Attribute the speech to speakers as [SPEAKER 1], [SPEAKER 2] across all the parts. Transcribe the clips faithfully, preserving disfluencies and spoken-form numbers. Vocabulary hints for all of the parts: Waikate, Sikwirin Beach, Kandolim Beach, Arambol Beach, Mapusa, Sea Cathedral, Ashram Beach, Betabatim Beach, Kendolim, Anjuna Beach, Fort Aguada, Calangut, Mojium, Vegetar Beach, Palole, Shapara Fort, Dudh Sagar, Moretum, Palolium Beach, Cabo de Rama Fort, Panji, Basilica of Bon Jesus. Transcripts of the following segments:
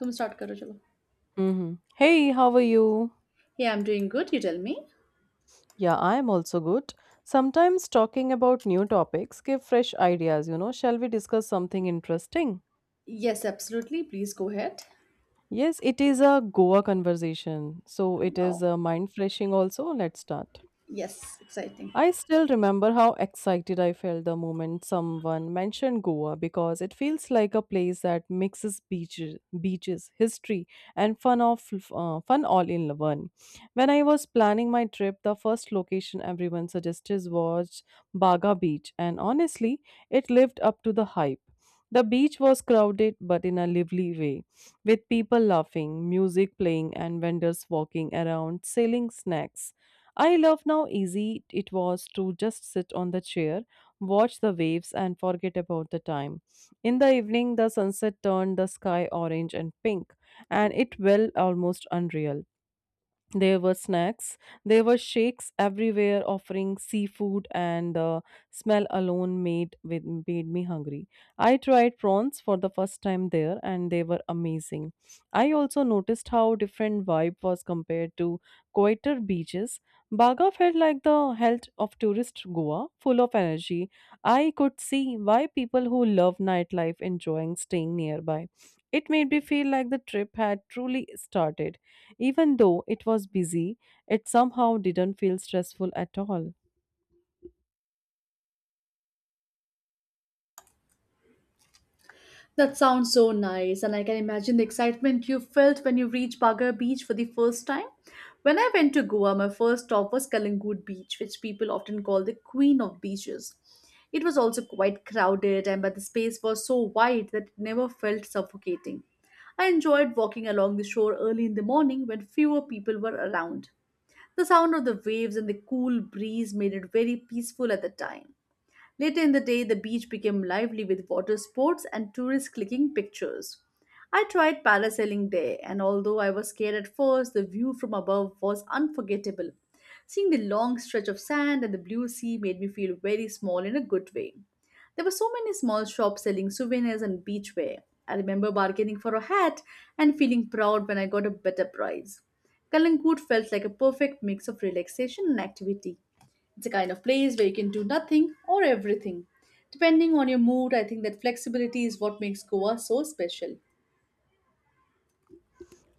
[SPEAKER 1] तुम स्टार्ट करो चलो
[SPEAKER 2] hmm Hey, how are you?
[SPEAKER 1] Hey, I'm doing good. You tell me.
[SPEAKER 2] Yeah, I'm also good. Sometimes talking about new topics give fresh ideas, you know. Shall we discuss something interesting?
[SPEAKER 1] Yes, absolutely. Please go ahead.
[SPEAKER 2] Yes, it is a Goa conversation. So it is
[SPEAKER 1] Wow.
[SPEAKER 2] uh, mind freshing also. Let's start.
[SPEAKER 1] Yes, exciting.
[SPEAKER 2] I still remember how excited I felt the moment someone mentioned Goa because it feels like a place that mixes beaches, beaches, history, and fun of uh, fun all in one. When I was planning my trip, the first location everyone suggested was Baga Beach, and honestly, it lived up to the hype. The beach was crowded but in a lively way, with people laughing, music playing, and vendors walking around selling snacks. I love how easy it was to just sit on the chair, watch the waves, and forget about the time. In the evening, the sunset turned the sky orange and pink, and it felt almost unreal. There were snacks. There were shakes everywhere offering seafood, and the smell alone made with, made me hungry. I tried prawns for the first time there, and they were amazing. I also noticed how different vibe was compared to quieter beaches. Baga felt like the health of tourist Goa, full of energy. I could see why people who love nightlife enjoying staying nearby. It made me feel like the trip had truly started. Even though it was busy, it somehow didn't feel stressful at all.
[SPEAKER 1] That sounds so nice, and I can imagine the excitement you felt when you reached Baga Beach for the first time. When I went to Goa, my first stop was Kalangut Beach, which people often call the Queen of Beaches. It was also quite crowded, and but the space was so wide that it never felt suffocating. I enjoyed walking along the shore early in the morning when fewer people were around. The sound of the waves and the cool breeze made it very peaceful at the time. Later in the day, the beach became lively with water sports and tourists clicking pictures. I tried parasailing there, and although I was scared at first, the view from above was unforgettable. Seeing the long stretch of sand and the blue sea made me feel very small in a good way. There were so many small shops selling souvenirs and beachwear. I remember bargaining for a hat and feeling proud when I got a better price. Kalangut felt like a perfect mix of relaxation and activity. It's a kind of place where you can do nothing or everything. Depending on your mood, I think that flexibility is what makes Goa so special.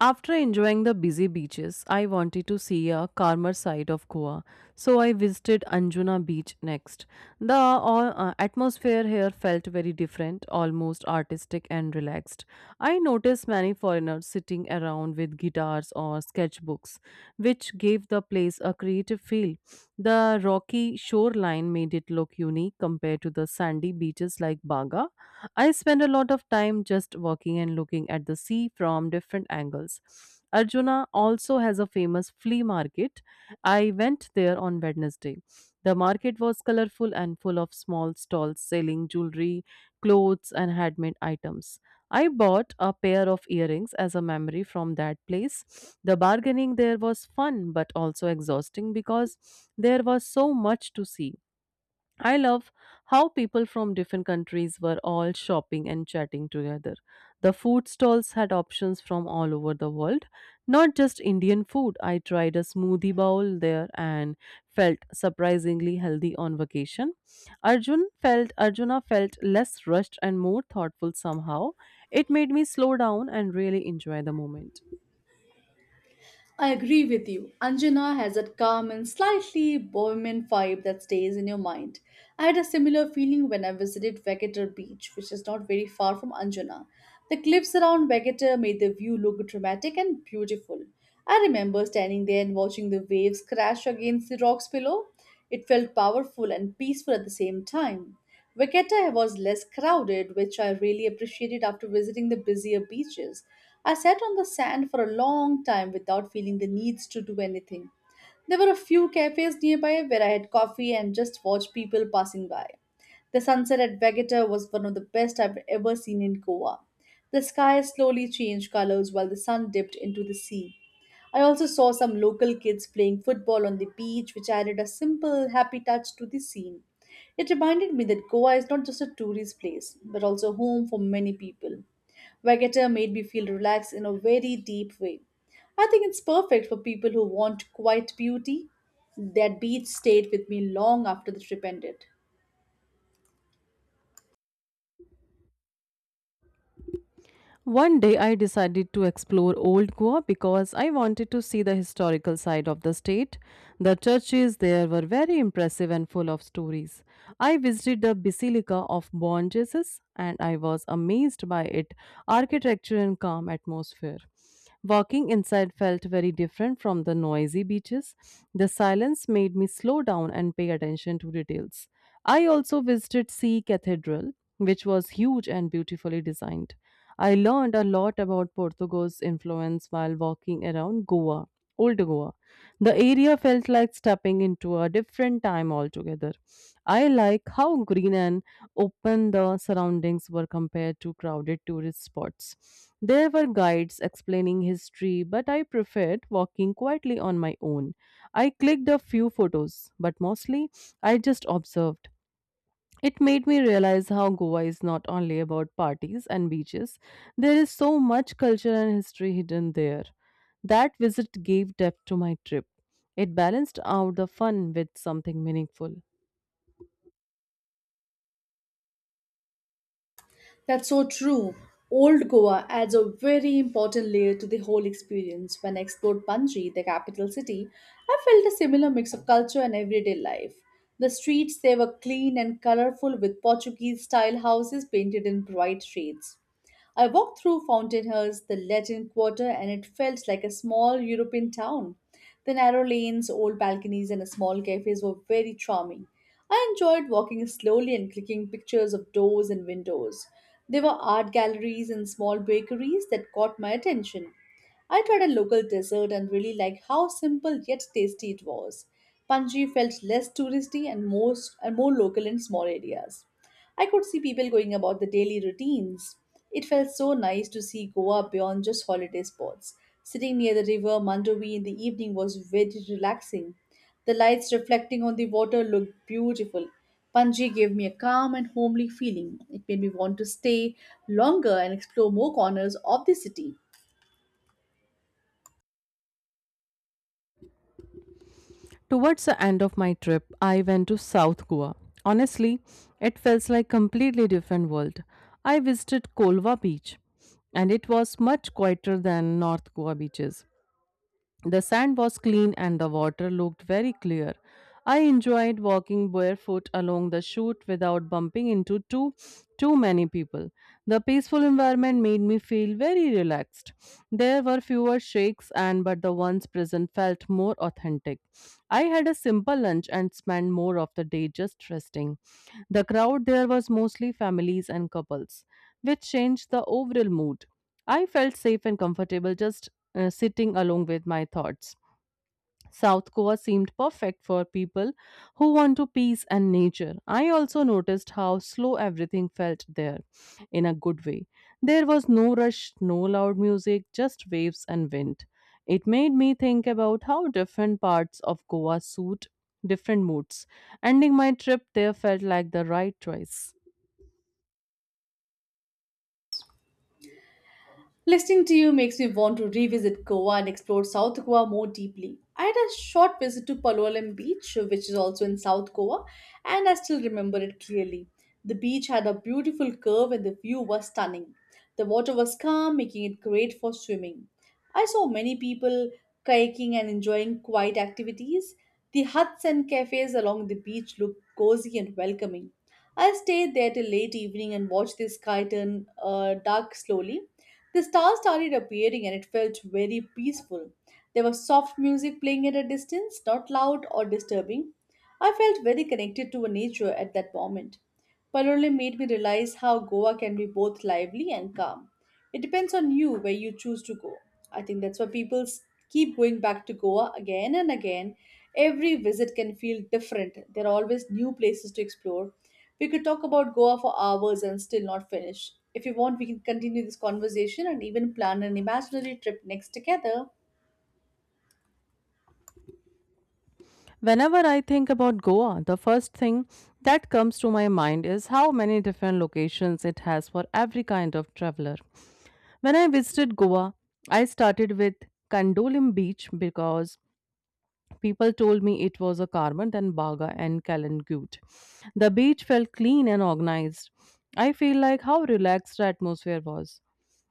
[SPEAKER 2] After enjoying the busy beaches, I wanted to see a calmer side of Goa, so I visited Anjuna Beach next. The uh, uh, atmosphere here felt very different, almost artistic and relaxed. I noticed many foreigners sitting around with guitars or sketchbooks, which gave the place a creative feel. The rocky shoreline made it look unique compared to the sandy beaches like Baga. I spend a lot of time just walking and looking at the sea from different angles. Arjuna also has a famous flea market. I went there on Wednesday. The market was colorful and full of small stalls selling jewelry, clothes, and handmade items. I bought a pair of earrings as a memory from that place. The bargaining there was fun but also exhausting because there was so much to see. I love how people from different countries were all shopping and chatting together. The food stalls had options from all over the world, not just Indian food. I tried a smoothie bowl there and felt surprisingly healthy on vacation. Arjun felt Arjuna felt less rushed and more thoughtful somehow. It made me slow down and really enjoy the moment.
[SPEAKER 1] I agree with you. Anjana has that calm and slightly Bohemian vibe that stays in your mind. I had a similar feeling when I visited Vegetar Beach, which is not very far from Anjana. The cliffs around Vegetar made the view look dramatic and beautiful. I remember standing there and watching the waves crash against the rocks below. It felt powerful and peaceful at the same time. Waikate was less crowded, which I really appreciated after visiting the busier beaches. I sat on the sand for a long time without feeling the needs to do anything. There were a few cafes nearby where I had coffee and just watched people passing by. The sunset at Vegeta was one of the best I've ever seen in Goa. The sky slowly changed colors while the sun dipped into the sea. I also saw some local kids playing football on the beach, which added a simple, happy touch to the scene. It reminded me that Goa is not just a tourist place, but also home for many people. Vagator made me feel relaxed in a very deep way. I think it's perfect for people who want quiet beauty. That beach stayed with me long after the trip ended.
[SPEAKER 2] One day I decided to explore Old Goa because I wanted to see the historical side of the state. The churches there were very impressive and full of stories. I visited the Basilica of Bon Jesus and I was amazed by its architecture and calm atmosphere. Walking inside felt very different from the noisy beaches. The silence made me slow down and pay attention to details. I also visited Sea Cathedral, which was huge and beautifully designed. I learned a lot about Portugal's influence while walking around Goa, Old Goa. The area felt like stepping into a different time altogether. I like how green and open the surroundings were compared to crowded tourist spots. There were guides explaining history, but I preferred walking quietly on my own. I clicked a few photos, but mostly I just observed. It made me realize how Goa is not only about parties and beaches, there is so much culture and history hidden there. That visit gave depth to my trip. It balanced out the fun with something meaningful.
[SPEAKER 1] That's so true. Old Goa adds a very important layer to the whole experience. When I explored Panji, the capital city, I felt a similar mix of culture and everyday life. The streets there were clean and colorful with Portuguese style houses painted in bright shades. I walked through Fountainhurst, the Latin Quarter, and it felt like a small European town. The narrow lanes, old balconies, and small cafes were very charming. I enjoyed walking slowly and clicking pictures of doors and windows. There were art galleries and small bakeries that caught my attention. I tried a local dessert and really liked how simple yet tasty it was. Panji felt less touristy and more, and more local in small areas. I could see people going about the daily routines. It felt so nice to see Goa beyond just holiday spots. Sitting near the river Mandovi in the evening was very relaxing. The lights reflecting on the water looked beautiful. Panji gave me a calm and homely feeling. It made me want to stay longer and explore more corners of the city.
[SPEAKER 2] Towards the end of my trip, I went to South Goa. Honestly, it felt like completely different world. I visited Kolva beach and it was much quieter than North Goa beaches. The sand was clean and the water looked very clear. I enjoyed walking barefoot along the chute without bumping into too too many people. The peaceful environment made me feel very relaxed. There were fewer shakes and but the ones present felt more authentic. I had a simple lunch and spent more of the day just resting. The crowd there was mostly families and couples, which changed the overall mood. I felt safe and comfortable just uh, sitting along with my thoughts. South Goa seemed perfect for people who want to peace and nature. I also noticed how slow everything felt there in a good way. There was no rush, no loud music, just waves and wind. It made me think about how different parts of Goa suit different moods. Ending my trip there felt like the right choice.
[SPEAKER 1] Listening to you makes me want to revisit Goa and explore South Goa more deeply. I had a short visit to Palolem Beach, which is also in South Goa, and I still remember it clearly. The beach had a beautiful curve and the view was stunning. The water was calm, making it great for swimming. I saw many people kayaking and enjoying quiet activities. The huts and cafes along the beach looked cozy and welcoming. I stayed there till late evening and watched the sky turn uh, dark slowly. The stars started appearing and it felt very peaceful. There was soft music playing at a distance, not loud or disturbing. I felt very connected to nature at that moment. Palole made me realize how Goa can be both lively and calm. It depends on you where you choose to go. I think that's why people s- keep going back to Goa again and again. Every visit can feel different. There are always new places to explore. We could talk about Goa for hours and still not finish. If you want, we can continue this conversation and even plan an imaginary trip next together.
[SPEAKER 2] Whenever I think about Goa, the first thing that comes to my mind is how many different locations it has for every kind of traveler. When I visited Goa, I started with Kandolim Beach because people told me it was a Karma, then Baga and Calangut. The beach felt clean and organized. I feel like how relaxed the atmosphere was.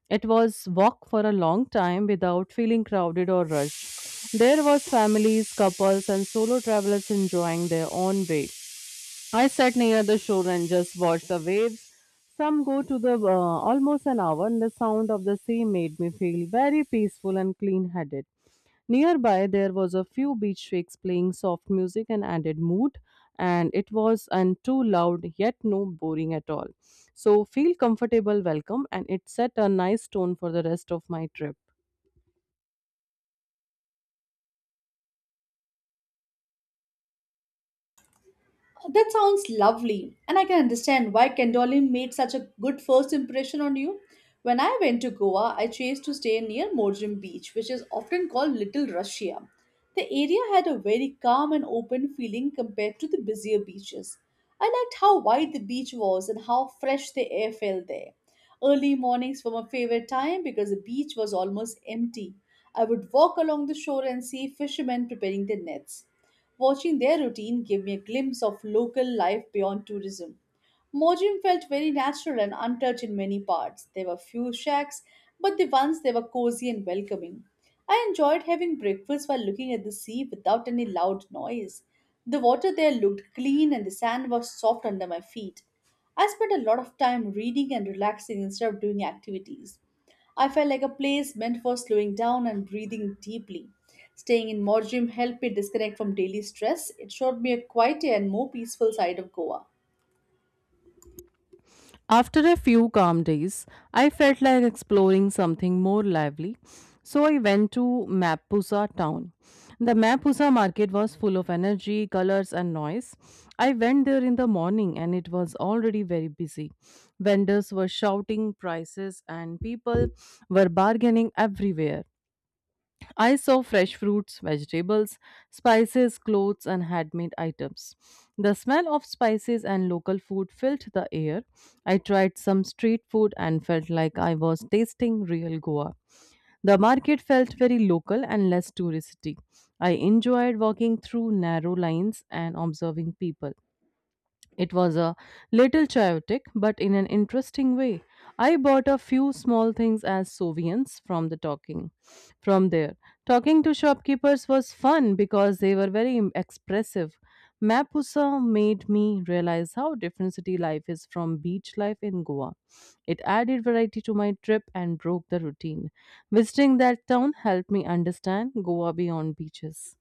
[SPEAKER 2] It was walk for a long time without feeling crowded or rushed. There was families, couples and solo travelers enjoying their own way. I sat near the shore and just watched the waves. Some go to the uh, almost an hour and the sound of the sea made me feel very peaceful and clean-headed. Nearby, there was a few beach shakes playing soft music and added mood, and it was and too loud yet no boring at all. So feel comfortable, welcome, and it set a nice tone for the rest of my trip.
[SPEAKER 1] Oh, that sounds lovely, and I can understand why Kendolim made such a good first impression on you. When I went to Goa, I chose to stay near Morjim Beach, which is often called Little Russia. The area had a very calm and open feeling compared to the busier beaches. I liked how wide the beach was and how fresh the air felt there. Early mornings were my favorite time because the beach was almost empty. I would walk along the shore and see fishermen preparing their nets. Watching their routine gave me a glimpse of local life beyond tourism. Mojium felt very natural and untouched in many parts. There were few shacks, but the ones they were cozy and welcoming. I enjoyed having breakfast while looking at the sea without any loud noise. The water there looked clean and the sand was soft under my feet. I spent a lot of time reading and relaxing instead of doing activities. I felt like a place meant for slowing down and breathing deeply. Staying in Moretum helped me disconnect from daily stress. It showed me a quieter and more peaceful side of Goa.
[SPEAKER 2] After a few calm days, I felt like exploring something more lively, so I went to Mapusa town. The Mapusa market was full of energy, colors, and noise. I went there in the morning and it was already very busy. Vendors were shouting prices and people were bargaining everywhere. I saw fresh fruits, vegetables, spices, clothes, and handmade items. The smell of spices and local food filled the air. I tried some street food and felt like I was tasting real Goa. The market felt very local and less touristy. I enjoyed walking through narrow lanes and observing people. It was a little chaotic, but in an interesting way. I bought a few small things as souvenirs from the talking. From there, talking to shopkeepers was fun because they were very im- expressive. Mapusa made me realize how different city life is from beach life in Goa. It added variety to my trip and broke the routine. Visiting that town helped me understand Goa beyond beaches.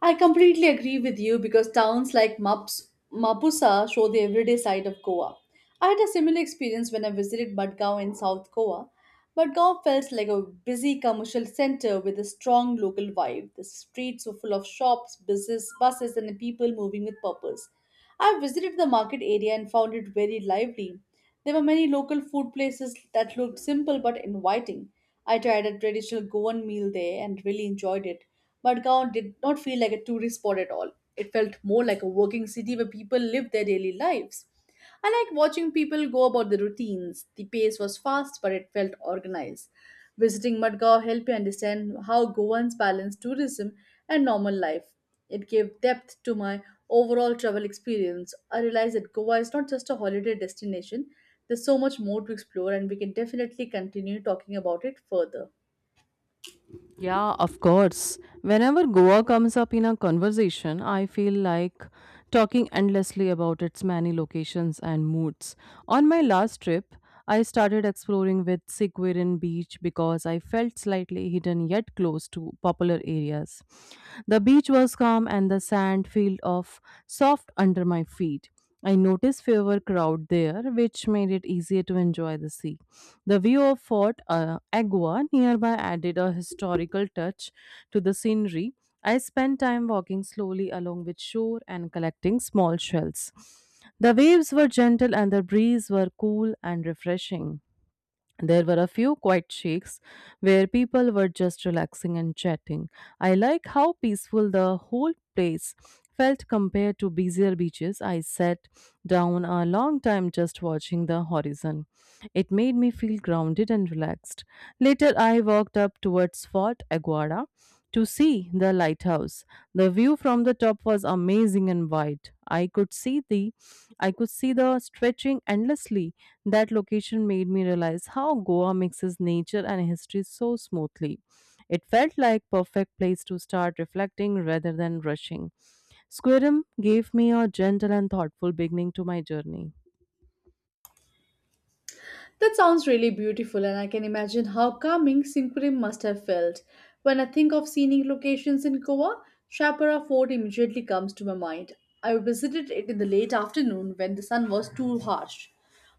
[SPEAKER 1] I completely agree with you because towns like Maps, Mapusa show the everyday side of Goa. I had a similar experience when I visited Madgaon in South Goa. Madgaon felt like a busy commercial center with a strong local vibe. The streets were full of shops, buses, buses, and people moving with purpose. I visited the market area and found it very lively. There were many local food places that looked simple but inviting. I tried a traditional Goan meal there and really enjoyed it, but Gaon did not feel like a tourist spot at all. It felt more like a working city where people live their daily lives. I liked watching people go about their routines. The pace was fast, but it felt organized. Visiting Madgaon helped me understand how Goans balance tourism and normal life. It gave depth to my overall travel experience. I realized that Goa is not just a holiday destination, there's so much more to explore, and we can definitely continue talking about it further.
[SPEAKER 2] Yeah, of course. Whenever Goa comes up in a conversation, I feel like talking endlessly about its many locations and moods. On my last trip, I started exploring with Sikwirin beach because I felt slightly hidden yet close to popular areas. The beach was calm and the sand felt of soft under my feet. I noticed fewer crowd there, which made it easier to enjoy the sea. The view of Fort uh, Agua nearby added a historical touch to the scenery. I spent time walking slowly along with shore and collecting small shells. The waves were gentle and the breeze were cool and refreshing. There were a few quiet shakes where people were just relaxing and chatting. I like how peaceful the whole place felt compared to busier beaches. I sat down a long time just watching the horizon. It made me feel grounded and relaxed. Later, I walked up towards Fort Aguada to see the lighthouse. The view from the top was amazing and wide. I could see the I could see the stretching endlessly that location made me realize how Goa mixes nature and history so smoothly. It felt like perfect place to start reflecting rather than rushing. Squirrel gave me a gentle and thoughtful beginning to my journey.
[SPEAKER 1] That sounds really beautiful, and I can imagine how calming Sinquim must have felt. When I think of scenic locations in Goa, Shapara Fort immediately comes to my mind. I visited it in the late afternoon when the sun was too harsh.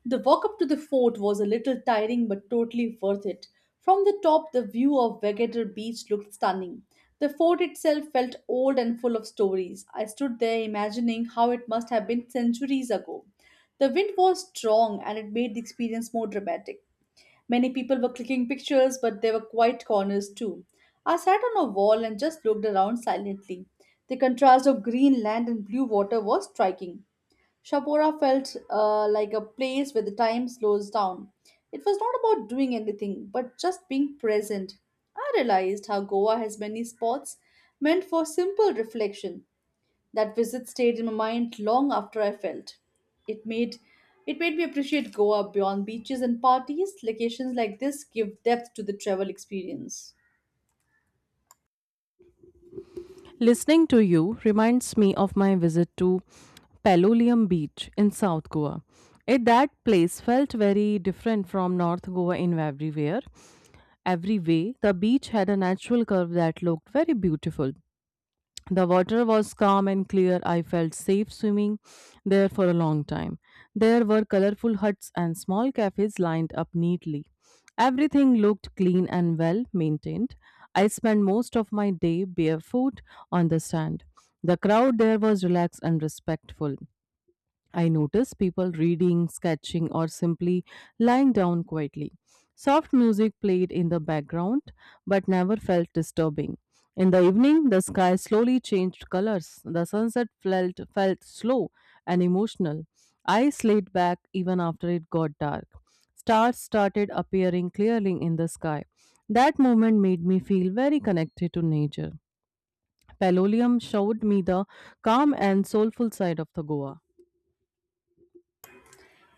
[SPEAKER 1] The walk up to the fort was a little tiring but totally worth it. From the top, the view of Vegator Beach looked stunning. The fort itself felt old and full of stories. I stood there imagining how it must have been centuries ago. The wind was strong and it made the experience more dramatic. Many people were clicking pictures, but there were quiet corners too. I sat on a wall and just looked around silently. The contrast of green land and blue water was striking. Shapora felt uh, like a place where the time slows down. It was not about doing anything, but just being present. I realized how Goa has many spots meant for simple reflection. That visit stayed in my mind long after I felt. It made it made me appreciate Goa beyond beaches and parties. Locations like this give depth to the travel experience.
[SPEAKER 2] Listening to you reminds me of my visit to Palolium Beach in South Goa. It, that place felt very different from North Goa in everywhere. Every way, the beach had a natural curve that looked very beautiful. The water was calm and clear. I felt safe swimming there for a long time. There were colorful huts and small cafes lined up neatly. Everything looked clean and well maintained. I spent most of my day barefoot on the sand. The crowd there was relaxed and respectful. I notice people reading, sketching, or simply lying down quietly. Soft music played in the background but never felt disturbing. In the evening, the sky slowly changed colors. The sunset felt, felt slow and emotional. I slayed back even after it got dark. Stars started appearing clearly in the sky. That moment made me feel very connected to nature. Palolium showed me the calm and soulful side of the Goa.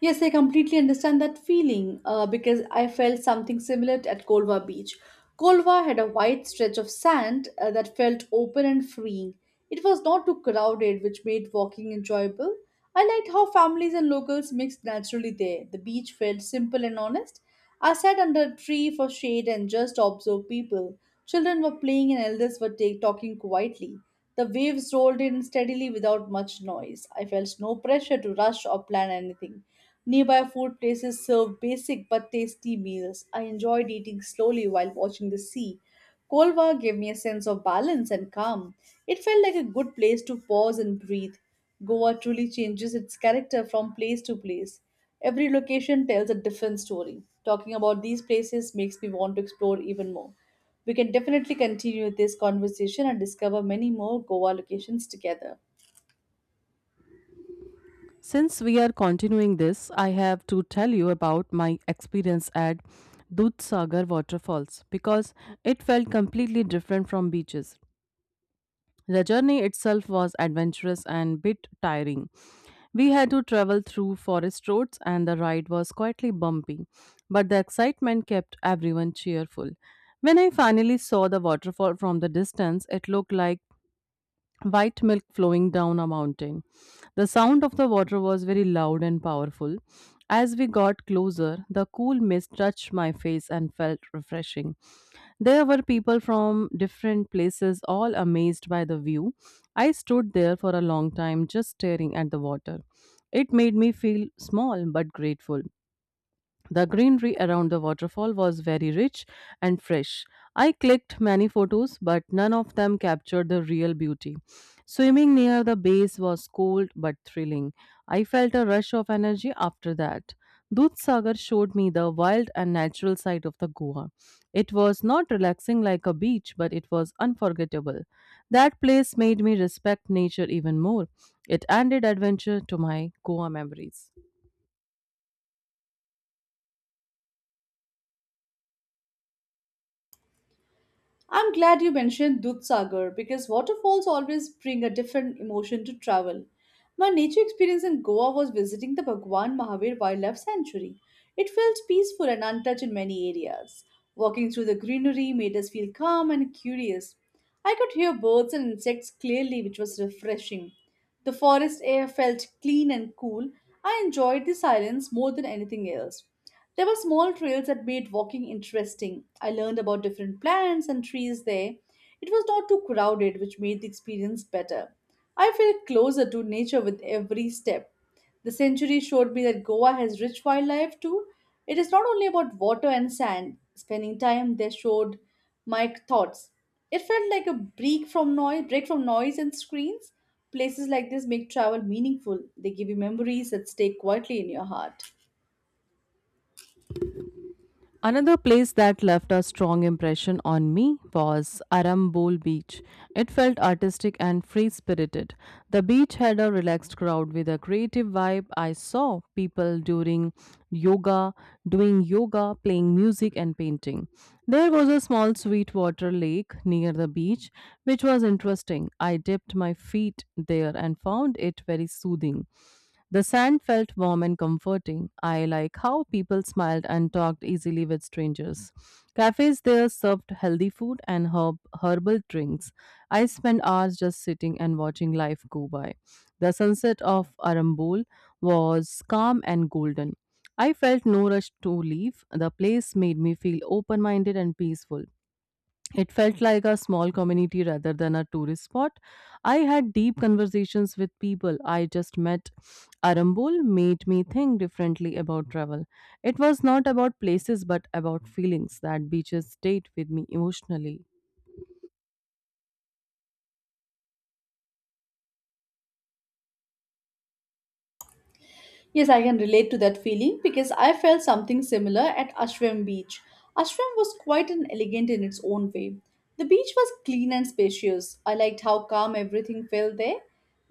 [SPEAKER 1] Yes, I completely understand that feeling uh, because I felt something similar at Kolva Beach. Kolva had a wide stretch of sand uh, that felt open and freeing. It was not too crowded, which made walking enjoyable. I liked how families and locals mixed naturally there. The beach felt simple and honest. I sat under a tree for shade and just observed people. Children were playing and elders were ta- talking quietly. The waves rolled in steadily without much noise. I felt no pressure to rush or plan anything. Nearby food places served basic but tasty meals. I enjoyed eating slowly while watching the sea. Kolva gave me a sense of balance and calm. It felt like a good place to pause and breathe. Goa truly changes its character from place to place. Every location tells a different story. Talking about these places makes me want to explore even more. We can definitely continue this conversation and discover many more Goa locations together.
[SPEAKER 2] Since we are continuing this, I have to tell you about my experience at Dudh Sagar waterfalls because it felt completely different from beaches. The journey itself was adventurous and bit tiring. We had to travel through forest roads, and the ride was quietly bumpy, but the excitement kept everyone cheerful. When I finally saw the waterfall from the distance, it looked like white milk flowing down a mountain. The sound of the water was very loud and powerful. As we got closer, the cool mist touched my face and felt refreshing. There were people from different places, all amazed by the view. I stood there for a long time just staring at the water. It made me feel small but grateful. The greenery around the waterfall was very rich and fresh. I clicked many photos, but none of them captured the real beauty. Swimming near the base was cold but thrilling. I felt a rush of energy after that. Dudh Sagar showed me the wild and natural side of the Goa. It was not relaxing like a beach, but it was unforgettable. That place made me respect nature even more. It added adventure to my Goa memories.
[SPEAKER 1] I'm glad you mentioned Dudh Sagar because waterfalls always bring a different emotion to travel. My nature experience in Goa was visiting the Bhagwan Mahavir Wildlife Sanctuary. It felt peaceful and untouched in many areas. Walking through the greenery made us feel calm and curious. I could hear birds and insects clearly, which was refreshing. The forest air felt clean and cool. I enjoyed the silence more than anything else. There were small trails that made walking interesting. I learned about different plants and trees there. It was not too crowded, which made the experience better. I felt closer to nature with every step. The century showed me that Goa has rich wildlife too. It is not only about water and sand. Spending time there showed my thoughts. It felt like a break from noise, break from noise and screens. Places like this make travel meaningful. They give you memories that stay quietly in your heart.
[SPEAKER 2] Another place that left a strong impression on me was Arambol Beach. It felt artistic and free spirited. The beach had a relaxed crowd with a creative vibe. I saw people during yoga, doing yoga, playing music, and painting. There was a small sweetwater lake near the beach, which was interesting. I dipped my feet there and found it very soothing. The sand felt warm and comforting. I like how people smiled and talked easily with strangers. Cafes there served healthy food and herb, herbal drinks. I spent hours just sitting and watching life go by. The sunset of Arambol was calm and golden. I felt no rush to leave. The place made me feel open minded and peaceful. It felt like a small community rather than a tourist spot. I had deep conversations with people I just met. Arambol made me think differently about travel. It was not about places but about feelings that beaches stayed with me emotionally.
[SPEAKER 1] Yes, I can relate to that feeling because I felt something similar at Ashram Beach. Ashram was quite an elegant in its own way. The beach was clean and spacious. I liked how calm everything felt there.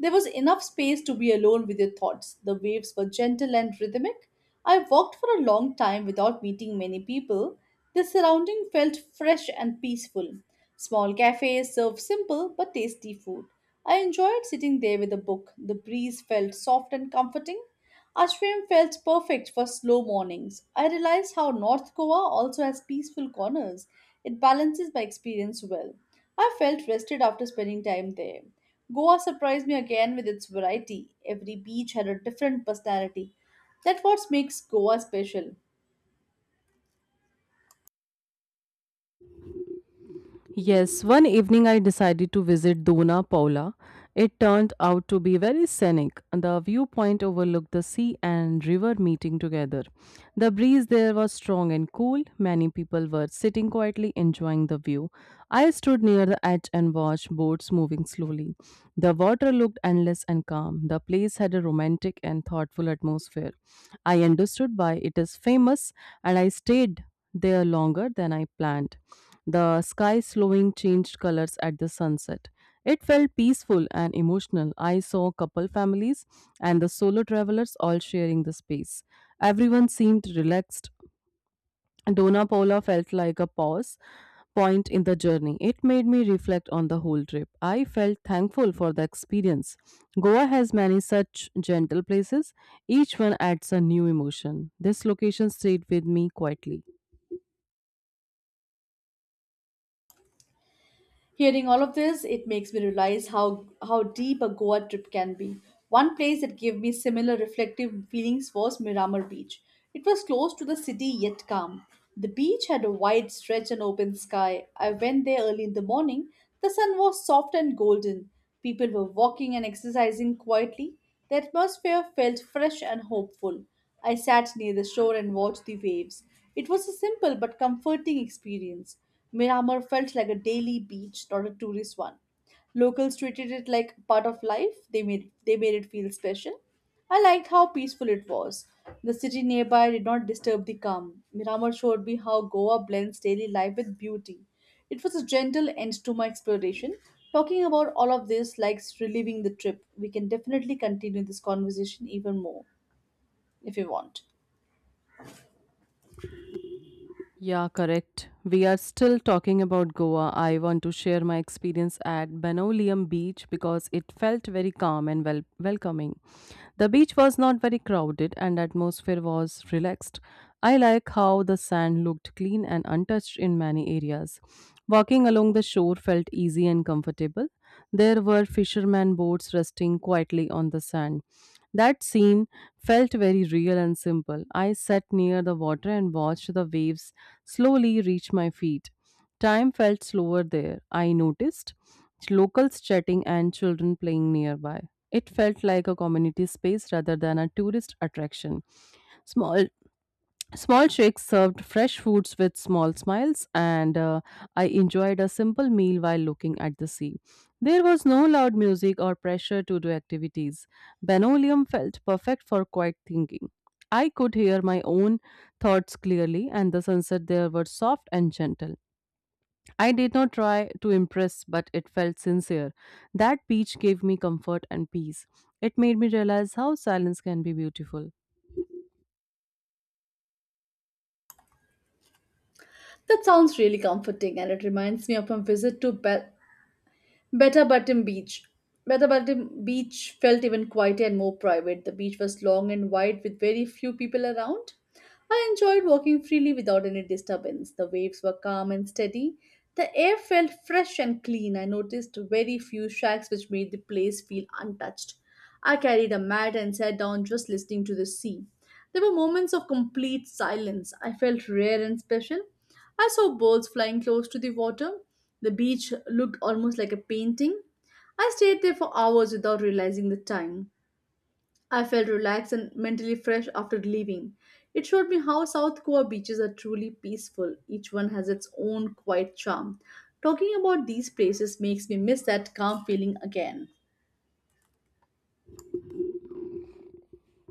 [SPEAKER 1] There was enough space to be alone with your thoughts. The waves were gentle and rhythmic. I walked for a long time without meeting many people. The surrounding felt fresh and peaceful. Small cafes served simple but tasty food. I enjoyed sitting there with a book. The breeze felt soft and comforting. Ashram felt perfect for slow mornings. I realized how North Goa also has peaceful corners. It balances my experience well. I felt rested after spending time there. Goa surprised me again with its variety. Every beach had a different personality. That's what makes Goa special.
[SPEAKER 2] Yes, one evening I decided to visit Dona Paula. It turned out to be very scenic. The viewpoint overlooked the sea and river meeting together. The breeze there was strong and cool. Many people were sitting quietly enjoying the view. I stood near the edge and watched boats moving slowly. The water looked endless and calm. The place had a romantic and thoughtful atmosphere. I understood why it is famous, and I stayed there longer than I planned. The sky slowing changed colors at the sunset. It felt peaceful and emotional. I saw couple families and the solo travelers all sharing the space. Everyone seemed relaxed. Dona Paula felt like a pause point in the journey. It made me reflect on the whole trip. I felt thankful for the experience. Goa has many such gentle places. Each one adds a new emotion. This location stayed with me quietly.
[SPEAKER 1] Hearing all of this, it makes me realize how, how deep a Goa trip can be. One place that gave me similar reflective feelings was Miramar Beach. It was close to the city yet calm. The beach had a wide stretch and open sky. I went there early in the morning. The sun was soft and golden. People were walking and exercising quietly. The atmosphere felt fresh and hopeful. I sat near the shore and watched the waves. It was a simple but comforting experience. Miramar felt like a daily beach, not a tourist one. Locals treated it like part of life. They made they made it feel special. I liked how peaceful it was. The city nearby did not disturb the calm. Miramar showed me how Goa blends daily life with beauty. It was a gentle end to my exploration. Talking about all of this likes reliving the trip. We can definitely continue this conversation even more if you want.
[SPEAKER 2] Yeah, correct. We are still talking about Goa. I want to share my experience at Benolium Beach because it felt very calm and wel- welcoming. The beach was not very crowded, and the atmosphere was relaxed. I like how the sand looked clean and untouched in many areas. Walking along the shore felt easy and comfortable. There were fishermen boats resting quietly on the sand. That scene felt very real and simple. I sat near the water and watched the waves slowly reach my feet. Time felt slower there. I noticed locals chatting and children playing nearby. It felt like a community space rather than a tourist attraction. Small small shakes served fresh foods with small smiles, and uh, I enjoyed a simple meal while looking at the sea. There was no loud music or pressure to do activities. Benolium felt perfect for quiet thinking. I could hear my own thoughts clearly, and the sunset there was soft and gentle. I did not try to impress, but it felt sincere. That beach gave me comfort and peace. It made me realize how silence can be beautiful.
[SPEAKER 1] That sounds really comforting and it reminds me of my visit to Bel- Betabatim Beach. Betabatim Beach felt even quieter and more private. The beach was long and wide with very few people around. I enjoyed walking freely without any disturbance. The waves were calm and steady. The air felt fresh and clean. I noticed very few shacks which made the place feel untouched. I carried a mat and sat down just listening to the sea. There were moments of complete silence. I felt rare and special. I saw birds flying close to the water. The beach looked almost like a painting. I stayed there for hours without realizing the time. I felt relaxed and mentally fresh after leaving. It showed me how South Goa beaches are truly peaceful. Each one has its own quiet charm. Talking about these places makes me miss that calm feeling again.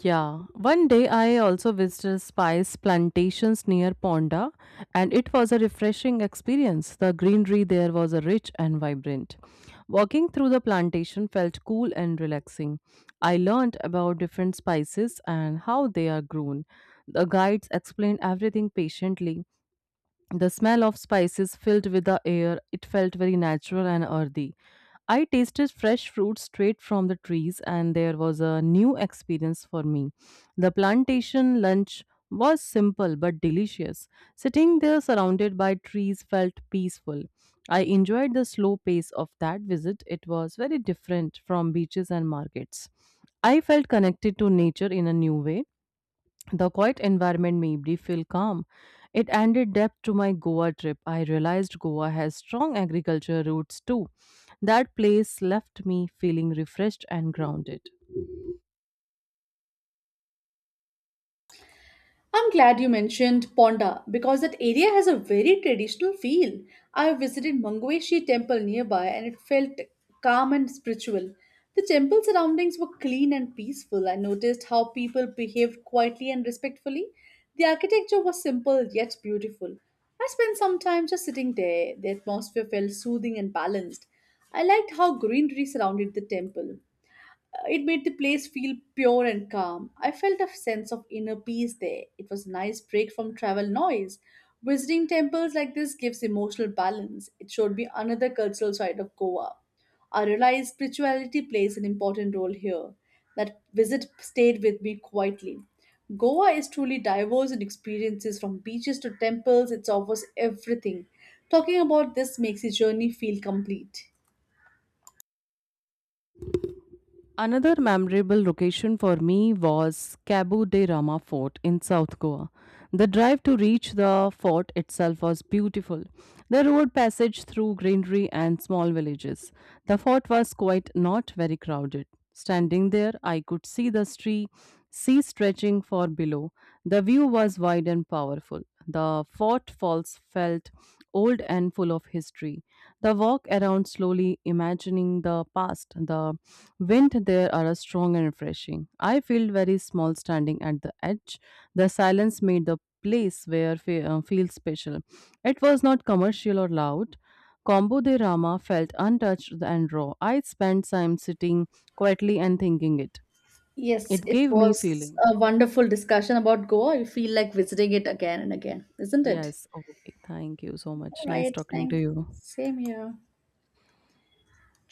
[SPEAKER 2] Yeah, one day I also visited spice plantations near Ponda, and it was a refreshing experience. The greenery there was uh, rich and vibrant. Walking through the plantation felt cool and relaxing. I learned about different spices and how they are grown. The guides explained everything patiently, the smell of spices filled with the air. It felt very natural and earthy. I tasted fresh fruit straight from the trees, and there was a new experience for me. The plantation lunch was simple but delicious. Sitting there surrounded by trees felt peaceful. I enjoyed the slow pace of that visit. It was very different from beaches and markets. I felt connected to nature in a new way. The quiet environment made me feel calm. It added depth to my Goa trip. I realized Goa has strong agriculture roots too. That place left me feeling refreshed and grounded.
[SPEAKER 1] I'm glad you mentioned Ponda because that area has a very traditional feel. I visited Mangeshi temple nearby and it felt calm and spiritual. The temple surroundings were clean and peaceful. I noticed how people behaved quietly and respectfully. The architecture was simple yet beautiful. I spent some time just sitting there. The atmosphere felt soothing and balanced. I liked how greenery surrounded the temple. It made the place feel pure and calm. I felt a sense of inner peace there. It was a nice break from travel noise. Visiting temples like this gives emotional balance. It showed me another cultural side of Goa. I realized spirituality plays an important role here. That visit stayed with me quietly. Goa is truly diverse in experiences from beaches to temples, it offers everything. Talking about this makes the journey feel complete.
[SPEAKER 2] Another memorable location for me was Cabo de Rama Fort in South Goa. The drive to reach the fort itself was beautiful. The road passage through greenery and small villages. The fort was quite not very crowded. Standing there, I could see the street, sea stretching far below. The view was wide and powerful. The fort falls felt old and full of history. The walk around slowly, imagining the past, the wind there are strong and refreshing. I feel very small standing at the edge. The silence made the place where fe- uh, feel special. It was not commercial or loud. Combo de Rama felt untouched and raw. I spent time sitting quietly and thinking it.
[SPEAKER 1] Yes,
[SPEAKER 2] It
[SPEAKER 1] it
[SPEAKER 2] gave me
[SPEAKER 1] was
[SPEAKER 2] feeling.
[SPEAKER 1] a wonderful discussion about Goa. I feel like visiting it again and again, isn't it?
[SPEAKER 2] Yes. Okay. Thank you so
[SPEAKER 1] All
[SPEAKER 2] much. Nice
[SPEAKER 1] right,
[SPEAKER 2] talking to
[SPEAKER 1] thanks.
[SPEAKER 2] you.
[SPEAKER 1] Same here.